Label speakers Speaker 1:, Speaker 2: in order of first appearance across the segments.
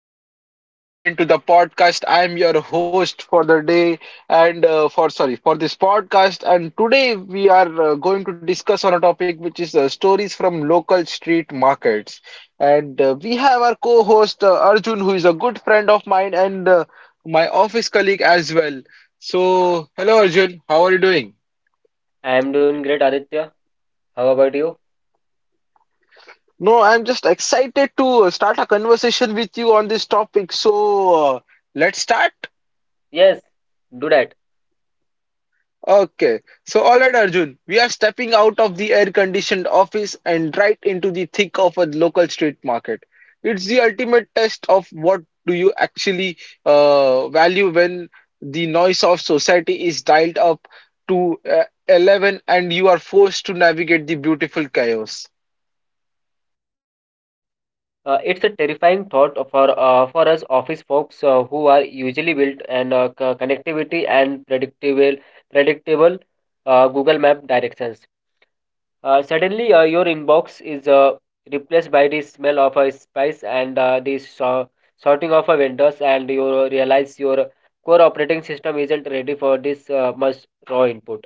Speaker 1: and welcome back again to the podcast. I am your host for the day, and for sorry for this podcast. And today we are going to discuss on a topic which is stories from local street markets. And we have our co-host Arjun, who is a good friend of mine and my office colleague as well. So, hello Arjun, how are you doing?
Speaker 2: I am doing great, Aditya. How about you?
Speaker 1: No, I'm just excited to start a conversation with you on this topic. So, let's start.
Speaker 2: Yes, do that.
Speaker 1: Okay. So, all right, Arjun, we are stepping out of the air conditioned office and right into the thick of a local street market. It's the ultimate test of what do you actually value when the noise of society is dialed up to 11 and you are forced to navigate the beautiful chaos.
Speaker 2: It's a terrifying thought for us office folks who are usually built and connectivity and predictable Google Map directions. Suddenly, your inbox is replaced by the smell of a spice and the sorting of a vendors, and you realize your core operating system isn't ready for this much raw input.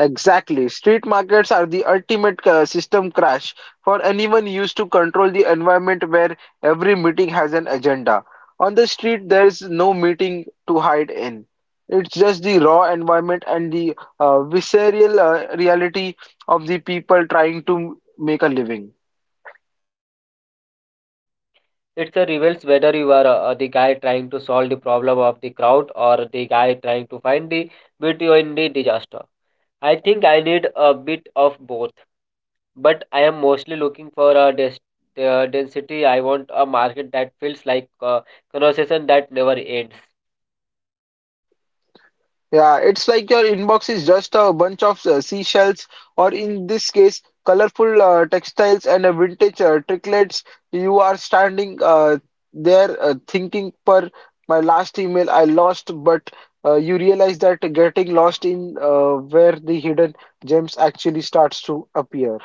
Speaker 1: Exactly. Street markets are the ultimate system crash for anyone used to control the environment where every meeting has an agenda. On the street, there's no meeting to hide in. It's just the raw environment and the visceral reality of the people trying to make a living.
Speaker 2: It reveals whether you are the guy trying to solve the problem of the crowd or the guy trying to find the beauty in the disaster. I think I need a bit of both, but I am mostly looking for a density. I want a market that feels like a conversation that never ends.
Speaker 1: Yeah, it's like your inbox is just a bunch of seashells, or in this case, colorful textiles and vintage trinkets. You are standing there thinking, per my last email, I lost, but you realize that getting lost in where the hidden gems actually starts to appear.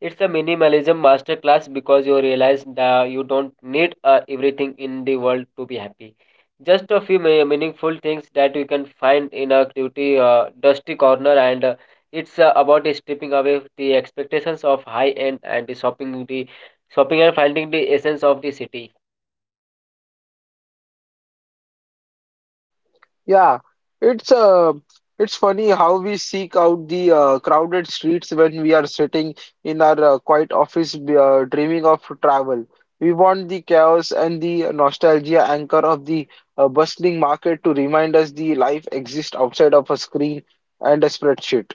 Speaker 2: It's a minimalism masterclass because you realize that you don't need everything in the world to be happy. Just a few meaningful things that you can find in a dusty corner, and it's about stripping away the expectations of high end and the shopping and finding the essence of the city.
Speaker 1: Yeah, it's uh, it's funny how we seek out the crowded streets when we are sitting in our quiet office, dreaming of travel. We want the chaos and the nostalgia anchor of the bustling market to remind us the life exists outside of a screen and a spreadsheet.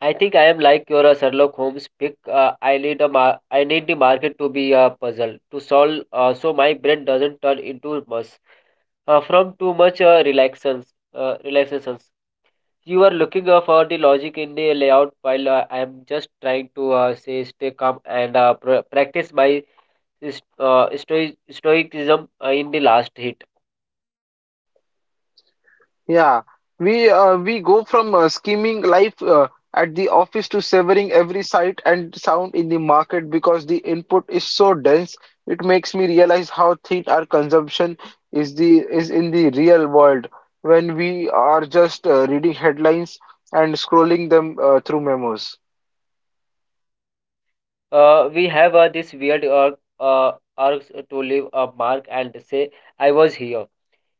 Speaker 2: I think I am like your Sherlock Holmes pick. I need I need the market to be a puzzle to solve, so my brain doesn't turn into mush, from too much relaxations. Relaxations. You are looking for the logic in the layout, while I am just trying to say stay calm and practice my stoicism in the last hit.
Speaker 1: Yeah, we go from scheming life at the office to severing every sight and sound in the market because the input is so dense. It makes me realize how thin our consumption is the is in the real world when we are just reading headlines and scrolling them through memos.
Speaker 2: We have this weird uh, urge to leave a mark and say, I was here.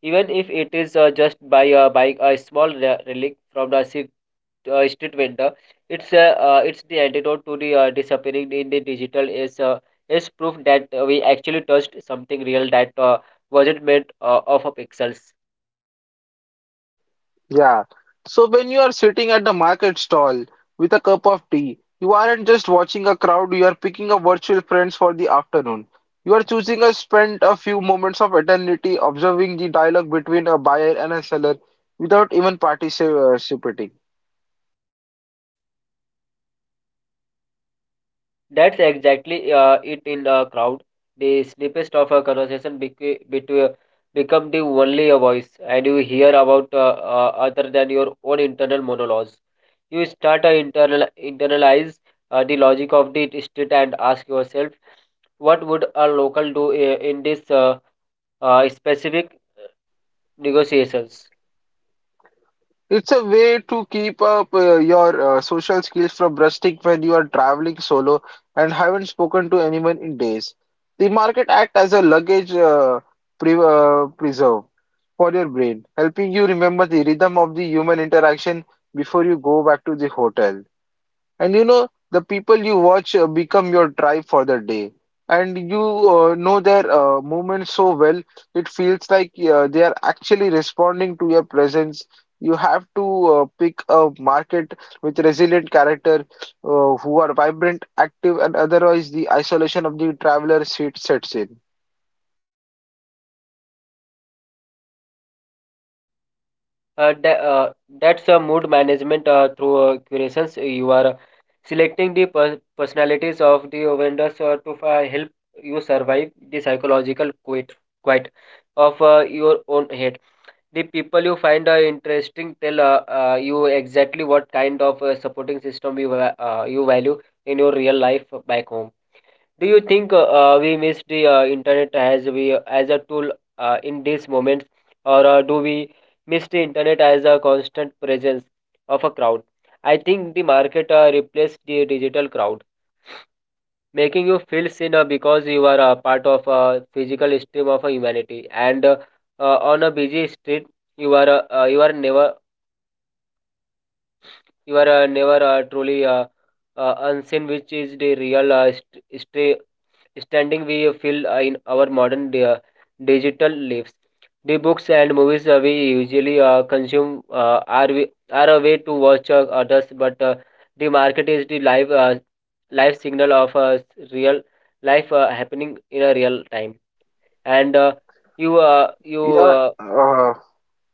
Speaker 2: Even if it is just by buying a small relic from the street, street vendor, it's the antidote to the disappearing in the digital is proof that we actually touched something real that wasn't made of pixels.
Speaker 1: Yeah. So when you are sitting at the market stall with a cup of tea, you aren't just watching a crowd, you are picking up virtual friends for the afternoon. You are choosing to spend a few moments of eternity observing the dialogue between a buyer and a seller without even participating.
Speaker 2: That's exactly it in a crowd. The snippets of a conversation bec- between become the only voice, and you hear about other than your own internal monologues. You start to internalize the logic of the state and ask yourself, what would a local do in this specific negotiations?
Speaker 1: It's a way to keep up your social skills from rusting when you are traveling solo and haven't spoken to anyone in days. The market act as a luggage pre preserve for your brain, helping you remember the rhythm of the human interaction before you go back to the hotel. And you know, the people you watch become your tribe for the day. And you know their movements so well, it feels like they are actually responding to your presence. You have to pick a market with resilient character who are vibrant, active, and otherwise the isolation of the traveler seat sets in.
Speaker 2: Uh, tha- uh, that's a mood management through curations. You are selecting the personalities of the vendors to help you survive the psychological quite of your own head. The people you find interesting tell you exactly what kind of supporting system you value in your real life back home. Do you think we miss the internet as a tool in these moments, or do we miss the internet as a constant presence of a crowd? I think the market replaced the digital crowd, making you feel thinner because you are a part of a physical stream of a humanity. And on a busy street, you are never truly unseen, which is the real standing we feel in our modern digital lives. The books and movies we usually consume are a way to watch others, but the market is the live signal of real life happening in a real time. And you you
Speaker 1: Yeah,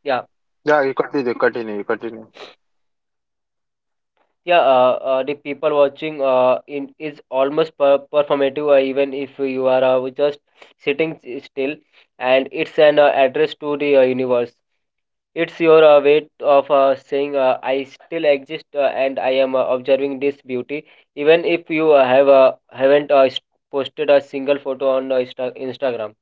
Speaker 2: yeah.
Speaker 1: yeah, you continue, continue, continue.
Speaker 2: Yeah, the people watching is almost performative, even if you are just sitting still, and it's an address to the universe. It's your way of saying, I still exist and I am observing this beauty, even if you have haven't posted a single photo on Instagram.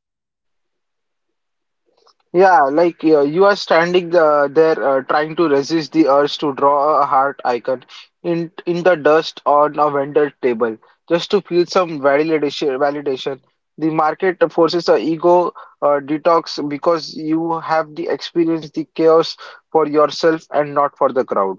Speaker 1: Yeah, like you are standing there trying to resist the urge to draw a heart icon in the dust on a vendor table just to feel some validation. Validation. The market forces a ego detox because you have the experience the chaos for yourself and not for the crowd.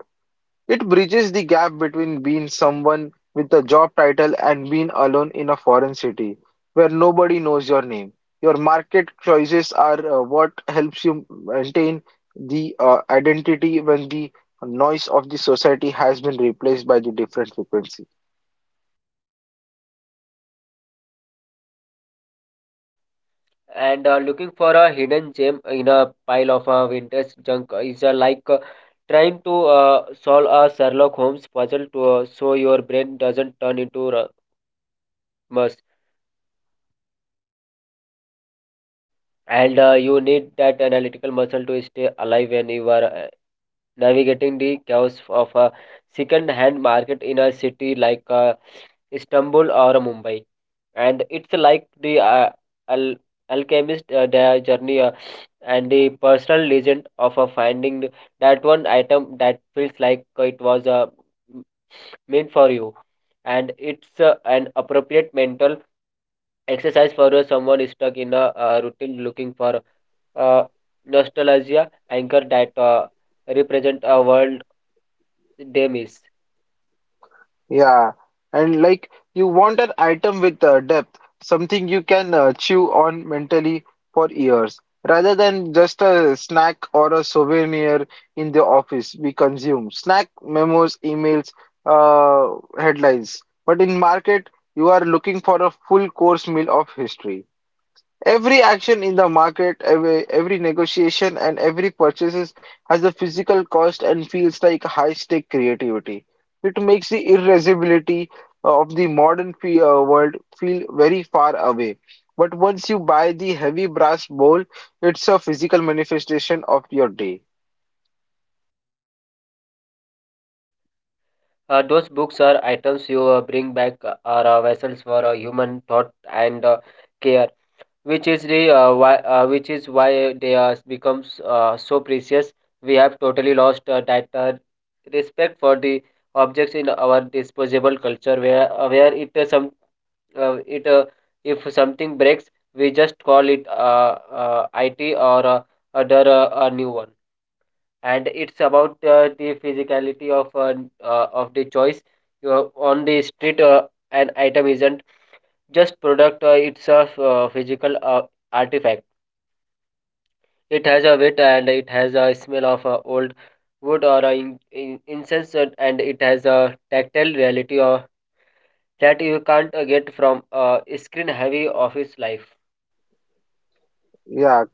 Speaker 1: It bridges the gap between being someone with a job title and being alone in a foreign city where nobody knows your name. Your market choices are what helps you maintain the identity when the noise of the society has been replaced by the different frequencies.
Speaker 2: And looking for a hidden gem in a pile of vintage junk is like trying to solve a Sherlock Holmes puzzle to so your brain doesn't turn into a mush. And you need that analytical muscle to stay alive when you are navigating the chaos of a second-hand market in a city like Istanbul or Mumbai. And it's like the al- alchemist their journey and the personal legend of finding that one item that feels like it was m- meant for you, and it's an appropriate mental exercise for someone stuck in a routine looking for uh, nostalgia anchor that represent a world they miss.
Speaker 1: Yeah, and like you want an item with depth, something you can chew on mentally for years, rather than just a snack or a souvenir in the office we consume. Snack memos, emails, headlines. But in market, you are looking for a full course meal of history. Every action in the market, every negotiation, and every purchases has a physical cost and feels like high-stake creativity. It makes the irreversibility of the modern fe world feel very far away. But once you buy the heavy brass bowl, it's a physical manifestation of your day.
Speaker 2: Those books are items you bring back are vessels for human thought and care, which is the why which is why they are becomes so precious. We have totally lost that respect for the objects in our disposable culture, where it some it if something breaks, we just call it IT or other a new one. And it's about the physicality of the choice. You on the street, an item isn't just product. It's a physical artifact. It has a weight and it has a smell of old wood or incense, and it has a tactile reality that you can't get from a screen heavy office life.
Speaker 1: Yeah,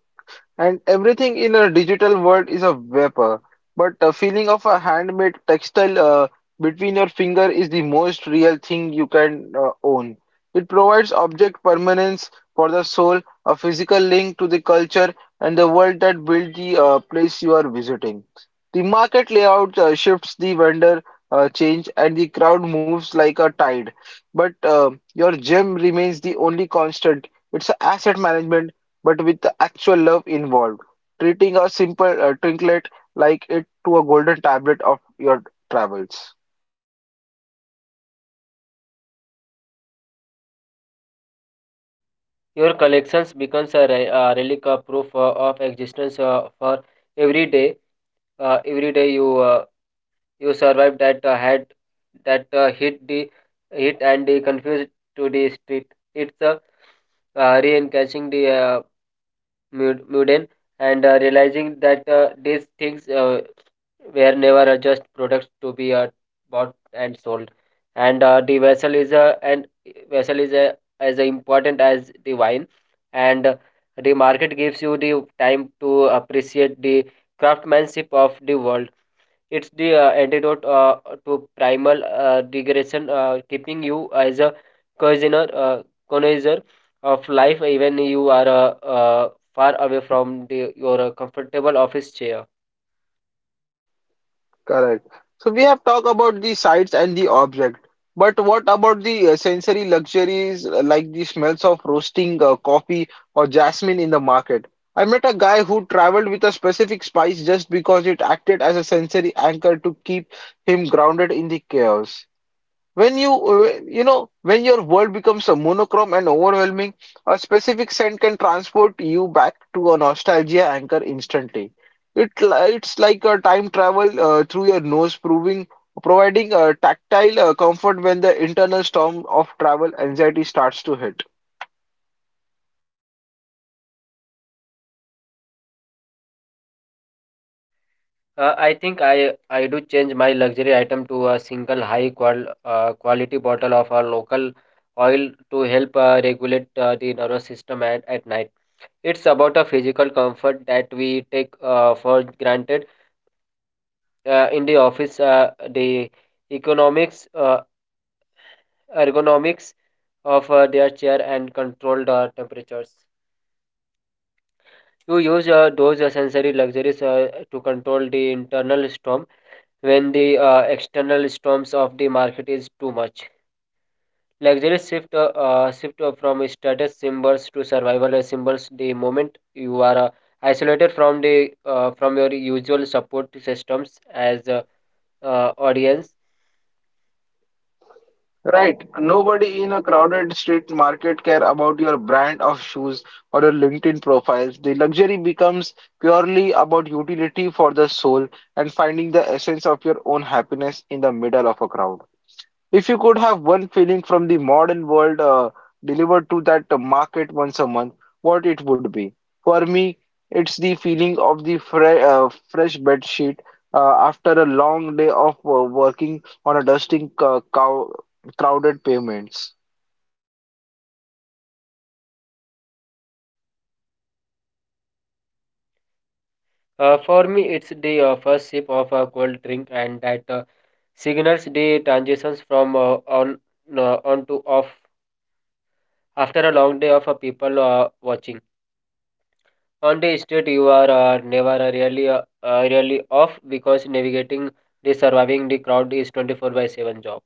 Speaker 1: and everything in a digital world is a vapor, but the feeling of a handmade textile between your finger is the most real thing you can own. It provides object permanence for the soul, a physical link to the culture and the world that built the place you are visiting. The market layout shifts, the vendor change, and the crowd moves like a tide. But your gem remains the only constant. It's a asset management but with the actual love involved. Treating a simple trinket like it to a golden tablet of your travels.
Speaker 2: Your collections becomes a relic, a proof of existence for every day every day you You survived that had that hit and the confused to the street. It's a re-engaging the mundane and realizing that these things were never just products to be bought and sold. And the vessel is as important as the wine. And the market gives you the time to appreciate the craftsmanship of the world. It's the antidote to primal regression, keeping you as a connoisseur, uh, connoisseur of life, even you are far away from your comfortable office chair.
Speaker 1: Correct. So we have talked about the sights and the object, but what about the sensory luxuries like the smells of roasting coffee or jasmine in the market? I met a guy who traveled with a specific spice just because it acted as a sensory anchor to keep him grounded in the chaos. When you, you know, when your world becomes a monochrome and overwhelming, a specific scent can transport you back to a nostalgia anchor instantly. It's like a time travel through your nose, proving, providing a tactile comfort when the internal storm of travel anxiety starts to hit.
Speaker 2: I think I do change my luxury item to a single high quality bottle of a local oil to help regulate the nervous system at night. It's about a physical comfort that we take for granted in the office. The economics ergonomics of their chair and control the temperatures. You use those sensory luxuries to control the internal storm when the external storms of the market is too much. Luxuries shift from status symbols to survival symbols the moment you are isolated from the from your usual support systems as audience.
Speaker 1: Right. Nobody in a crowded street market care about your brand of shoes or your LinkedIn profiles. The luxury becomes purely about utility for the soul and finding the essence of your own happiness in the middle of a crowd. If you could have one feeling from the modern world delivered to that market once a month, what it would be? For me, it's the feeling of the fresh bed sheet after a long day of working on a dusting cow crowded pavements.
Speaker 2: For me, it's the first sip of a cold drink, and that signals the transitions from on to off after a long day of people watching. On the street, you are never really off because navigating the surviving the crowd is 24 by 7 job.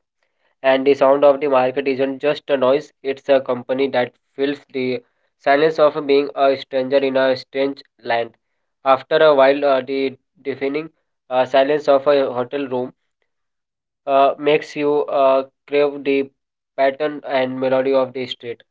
Speaker 2: And the sound of the market isn't just a noise, it's a company that fills the silence of being a stranger in a strange land. After a while, the deafening silence of a hotel room makes you crave the pattern and melody of the street.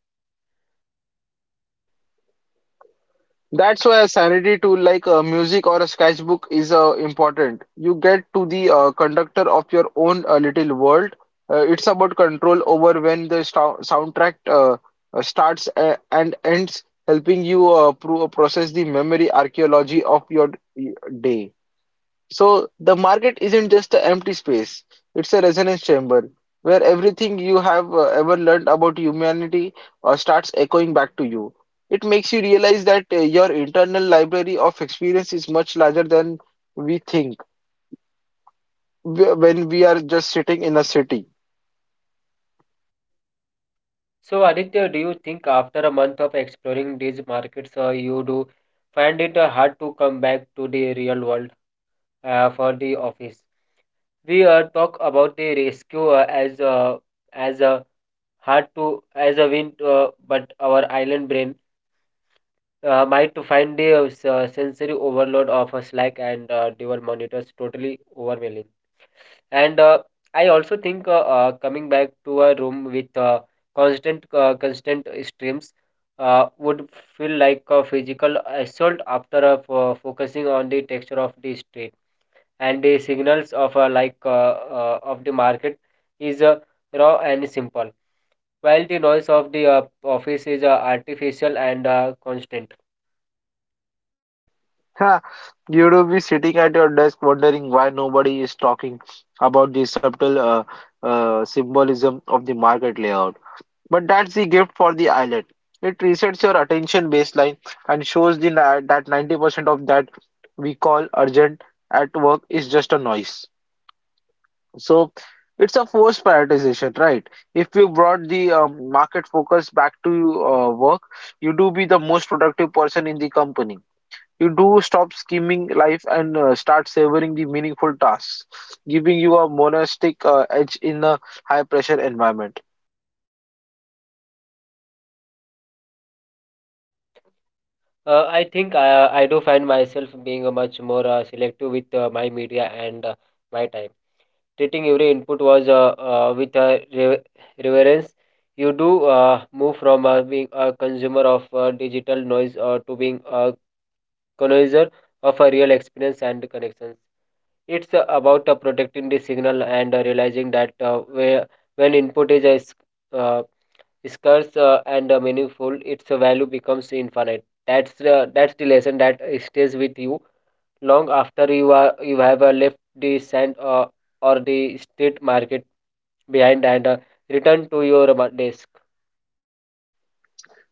Speaker 1: That's why a sanity tool like music or a sketchbook is important. You get to the conductor of your own little world. It's about control over when the soundtrack starts and ends, helping you process the memory archaeology of your uh, day. So the market isn't just an empty space, it's a resonance chamber where everything you have ever learned about humanity starts echoing back to you. It makes you realize that your internal library of experience is much larger than we think when we are just sitting in a city.
Speaker 2: So, Aditya, do you think after a month of exploring these markets, you do find it hard to come back to the real world for the office? We talk about the rescue as a hard to as a wind, but our island brain might to find the sensory overload of a slack and dual monitors totally overwhelming. And I also think coming back to a room with constant streams would feel like a physical assault after focusing on the texture of the street and the signals of of the market is raw and simple, while the noise of the office is artificial and constant.
Speaker 1: Ha! You will be sitting at your desk wondering why nobody is talking about the subtle symbolism of the market layout. But that's the gift for the islet. It resets your attention baseline and shows the that 90% of that we call urgent at work is just a noise. So it's a forced prioritization, right? If you brought the market focus back to work, you do be the most productive person in the company. You do stop scheming life and start savoring the meaningful tasks, giving you a monastic edge in a high pressure environment.
Speaker 2: I think I do find myself being much more selective with my media and my time. Treating every input was with a reverence. You do move from being a consumer of digital noise to being a connoisseur of a real experience and connections. It's about protecting the signal and realizing that when input is uh, scarce and meaningful, its value becomes infinite. That's the lesson that stays with you long after you have left the sand or the street market behind and return to your desk.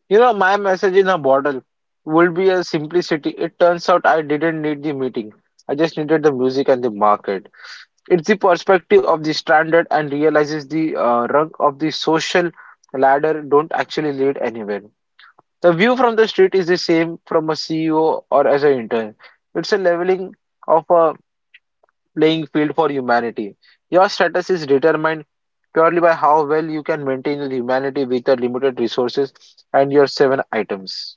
Speaker 1: You know, my message in a bottle would be a simplicity. It turns out I didn't need the meeting. I just needed the music and the market. It's the perspective of the stranded and realizes the rung of the social ladder don't actually lead anywhere. The view from the street is the same from a CEO or as an intern. It's a leveling of a playing field for humanity. Your status is determined purely by how well you can maintain your humanity with your limited resources and your seven items.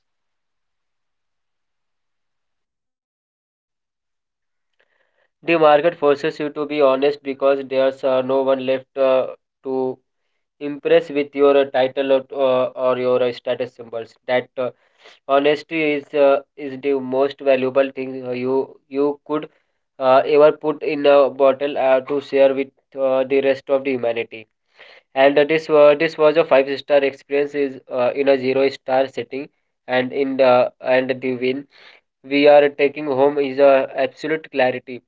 Speaker 2: The market forces you to be honest because there's no one left to impress with your title or your status symbols. That honesty is the most valuable thing you could ever put in a bottle to share with the rest of the humanity. And this this was a five-star experience is in a zero star setting. And in the and the win we are taking home is a absolute clarity.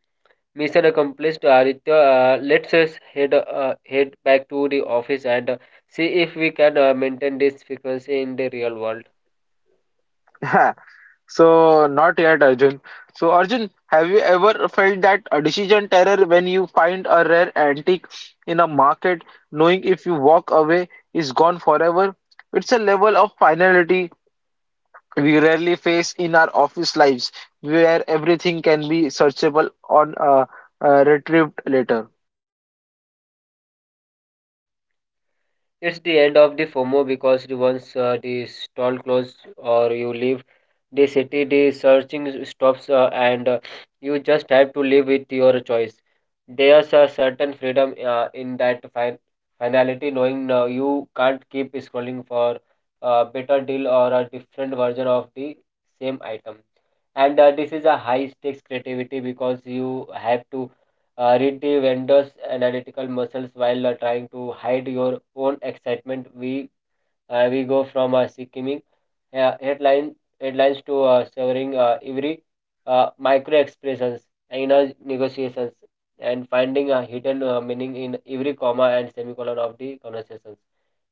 Speaker 2: Mission accomplished, Aditya. Let's us head back to the office and see if we can maintain this frequency in the real world.
Speaker 1: So not yet, Arjun. So Arjun, have you ever felt that a decision terror when you find a rare antique in a market, knowing if you walk away is gone forever? It's a level of finality we rarely face in our office lives, where everything can be searchable on retrieved later.
Speaker 2: It's the end of the FOMO because the once the stall closes or you leave the city, the searching stops, and you just have to live with your choice. There's a certain freedom in that finality, knowing you can't keep scrolling for a better deal or a different version of the same item. And this is a high stakes creativity because you have to read the vendor's analytical muscles while trying to hide your own excitement. We go from simmering uh, headline headlines to severing every micro expressions in our negotiations and finding a hidden meaning in every comma and semicolon of the conversations.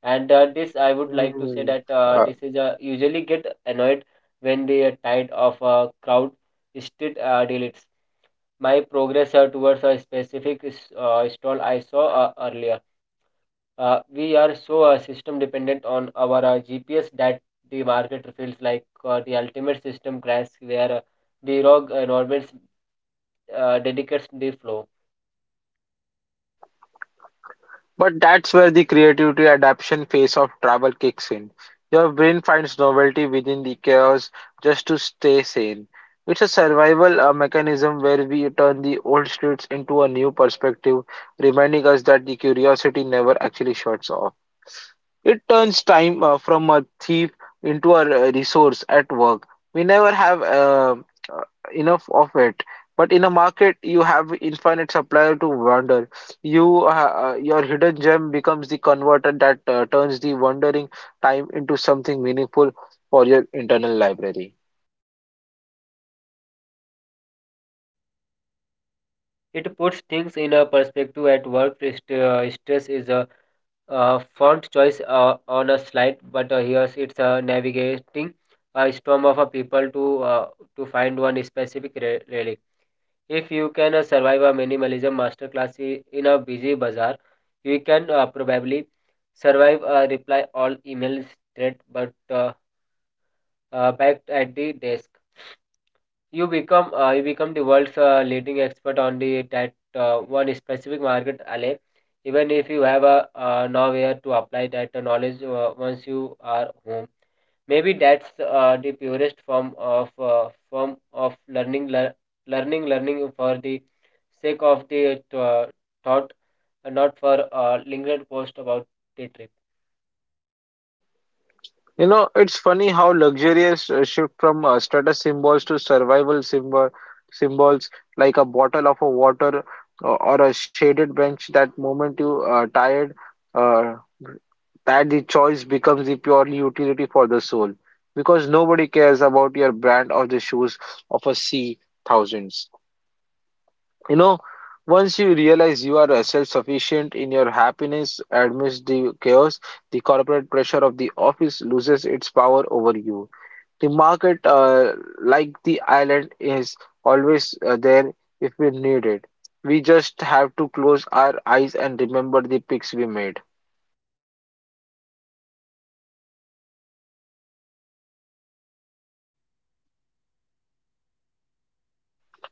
Speaker 2: And this, I would like to say
Speaker 1: Mm.
Speaker 2: that this is usually get annoyed when the tide of a crowd still deletes my progress towards a specific stall I saw earlier. We are so system dependent on our GPS that the market feels like the ultimate system crash where the rogue environment dedicates the flow.
Speaker 1: But that's where the creativity adaptation phase of travel kicks in. Your brain finds novelty within the chaos just to stay sane. It's a survival mechanism where we turn the old streets into a new perspective, reminding us that the curiosity never actually shuts off. It turns time from a thief into a resource at work. We never have uh, enough of it. But in a market, you have infinite supplier to wander. Your hidden gem becomes the converter that turns the wandering time into something meaningful for your internal library.
Speaker 2: It puts things in a perspective at work. Stress is a font choice on a slide, but here it's navigating a storm of people to find one specific relic. If you can survive a minimalism masterclass in a busy bazaar, you can probably survive a reply all email thread, but back at the desk, you become the world's leading expert on the that one specific market alley. Even if you have a nowhere to apply that knowledge once you are home. Maybe that's the purest form of learning, learning for the sake of the thought, and not for a lingering post about the trip.
Speaker 1: You know, it's funny how luxurious shift from status symbols to survival symbols like a bottle of a water or a shaded bench. That moment you tired, uh, that the choice becomes the purely utility for the soul because nobody cares about your brand or the shoes of a C thousands. You know, once you realize you are self-sufficient in your happiness amidst the chaos, the corporate pressure of the office loses its power over you the market, like the island, is always there if we need it. We just have to close our eyes and remember the picks we made.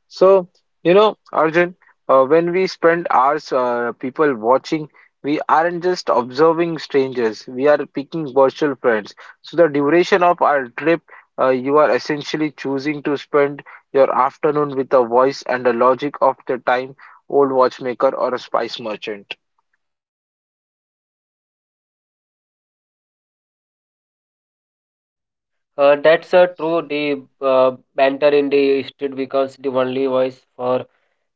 Speaker 1: So, you know, Arjun, when we spend hours people watching, we aren't just observing strangers, we are picking virtual friends. So, the duration of our trip, you are essentially choosing to spend your afternoon with a voice and a logic of the time old watchmaker or a spice merchant.
Speaker 2: That's true. The banter in the street becomes the only voice for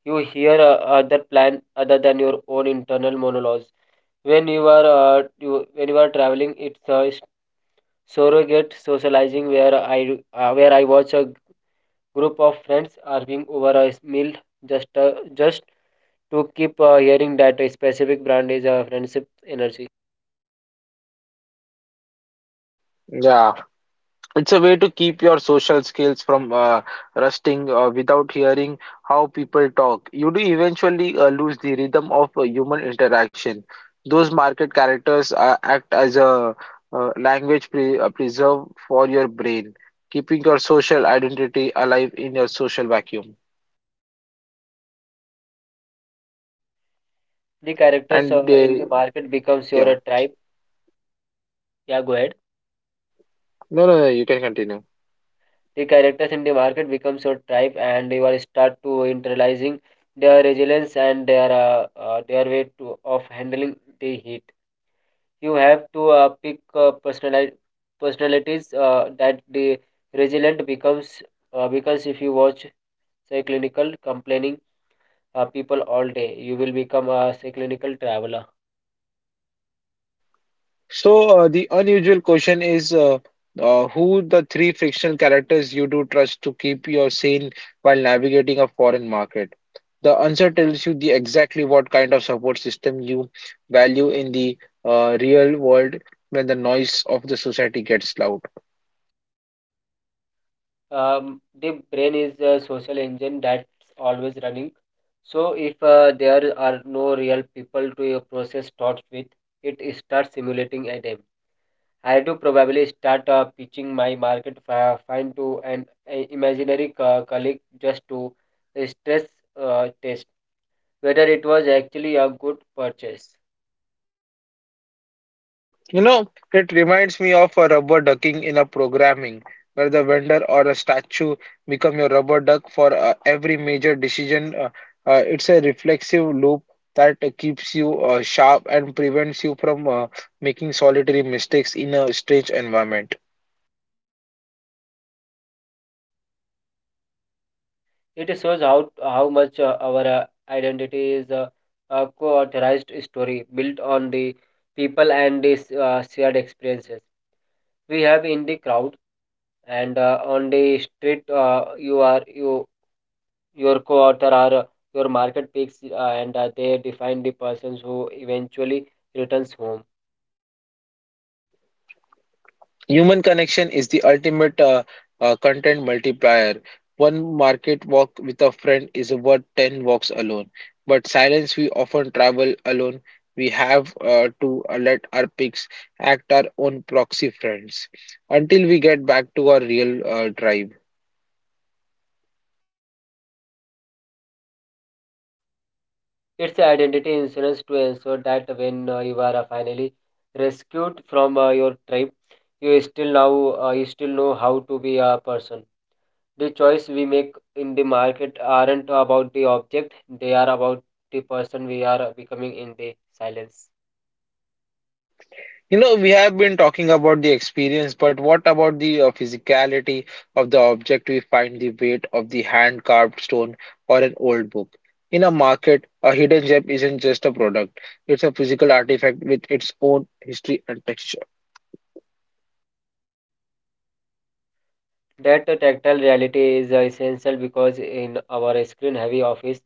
Speaker 2: you hear other than your own internal monologues. When you are traveling, it's a surrogate socializing where I watch a group of friends arguing over a meal just to keep hearing that a specific brand is a friendship energy.
Speaker 1: Yeah. It's a way to keep your social skills from rusting without hearing how people talk. You do eventually lose the rhythm of human interaction. Those market characters act as a language preserve for your brain, keeping your social identity alive in your social vacuum.
Speaker 2: The characters
Speaker 1: And
Speaker 2: in
Speaker 1: they,
Speaker 2: the market becomes your
Speaker 1: yeah,
Speaker 2: tribe. Yeah, go ahead.
Speaker 1: no, no, no, you can continue.
Speaker 2: The characters in the market becomes your tribe, and you will start to internalizing their resilience and their way to of handling the heat. You have to pick personalities that the resilient becomes, because if you watch say clinical complaining people all day. You will become a say, clinical traveler.
Speaker 1: So, the unusual question is who the three fictional characters you do trust to keep you sane while navigating a foreign market? The answer tells you the exactly what kind of support system you value in the real world when the noise of the society gets loud.
Speaker 2: The brain is a social engine that's always running. So if there are no real people to process thoughts with, it starts simulating a them. I do probably start pitching my market find to an imaginary colleague just to stress test whether it was actually a good purchase.
Speaker 1: You know, it reminds me of a rubber ducking in a programming, where the vendor or a statue become your rubber duck for every major decision. It's a reflexive loop that keeps you sharp and prevents you from making solitary mistakes in a strange environment.
Speaker 2: It shows how much our identity is a co-authorized story built on the people and the shared experiences we have in the crowd and on the street. Your co-author are your market picks, and they define the persons who eventually returns home.
Speaker 1: Human connection is the ultimate content multiplier. One market walk with a friend is worth 10 walks alone. But silence, we often travel alone. We have to let our pics act our own proxy friends until we get back to our real drive.
Speaker 2: It's a identity insurance to ensure that when you are finally rescued from your tribe, you still now you still know how to be a person. The choice we make in the market aren't about the object, they are about the person we are becoming in the silence.
Speaker 1: You know, we have been talking about the experience, but what about the physicality of the object? We find the weight of the hand-carved stone or an old book. In a market, a hidden gem isn't just a product, it's a physical artifact with its own history and texture.
Speaker 2: That tactile reality is essential because in our screen heavy office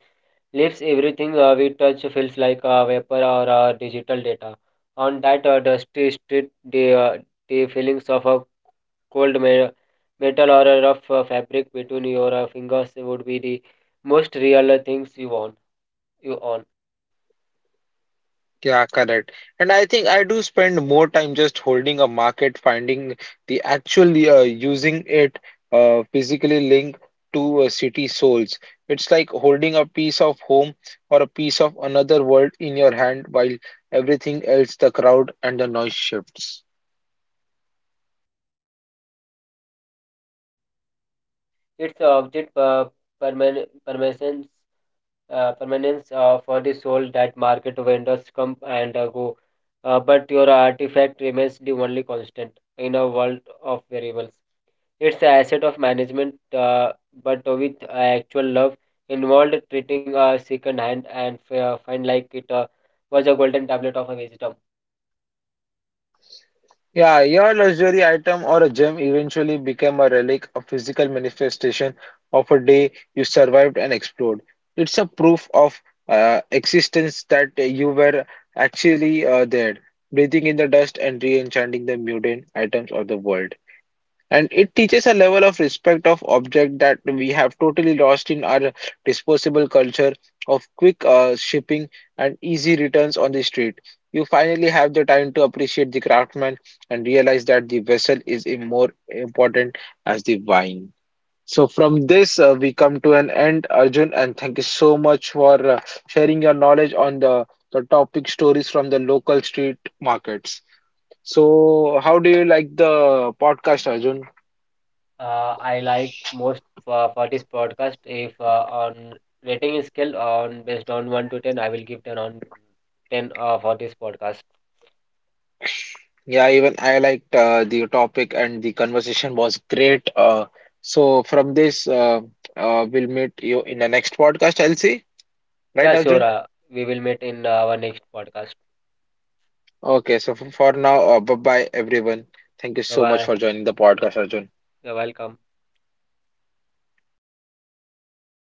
Speaker 2: lives everything we touch feels like a vapor or a digital data on that dusty street. The feelings of a cold metal or a rough fabric between your fingers would be the most real things you own.
Speaker 1: Yeah, correct. And I think I do spend more time just holding a market, finding the actual using it physically linked to city souls. It's like holding a piece of home or a piece of another world in your hand while everything else, the crowd and the noise shifts.
Speaker 2: It's object perman- permanence, permanence, for the soul. That market vendors come and go. But your artifact remains the only constant in a world of variables. It's an asset of management, but with actual love involved, treating a second hand and find like it was a golden tablet of a wisdom.
Speaker 1: Yeah, your luxury item or a gem eventually became a relic, a physical manifestation of a day you survived and explored. It's a proof of existence that you were actually there, breathing in the dust and re-enchanting the mundane items of the world. And it teaches a level of respect of object that we have totally lost in our disposable culture of quick shipping and easy returns on the street. You finally have the time to appreciate the craftsman and realize that the vessel is more important as the wine. So from this, we come to an end, Arjun, and thank you so much for sharing your knowledge on the topic stories from the local street markets. So, how do you like the podcast, Arjun?
Speaker 2: I like most for this podcast. If on rating scale on based on 1 to 10, I will give 10 on 10 for this podcast.
Speaker 1: Yeah, even I liked the topic and the conversation was great. So from this, we'll meet you in the next podcast, I'll see. Right,
Speaker 2: Yeah, sure.
Speaker 1: Arjun?
Speaker 2: We will meet in our next podcast.
Speaker 1: Okay, so for now, bye-bye, everyone. Thank you
Speaker 2: Bye
Speaker 1: so much
Speaker 2: bye.
Speaker 1: for joining the podcast, Arjun.
Speaker 2: You're welcome.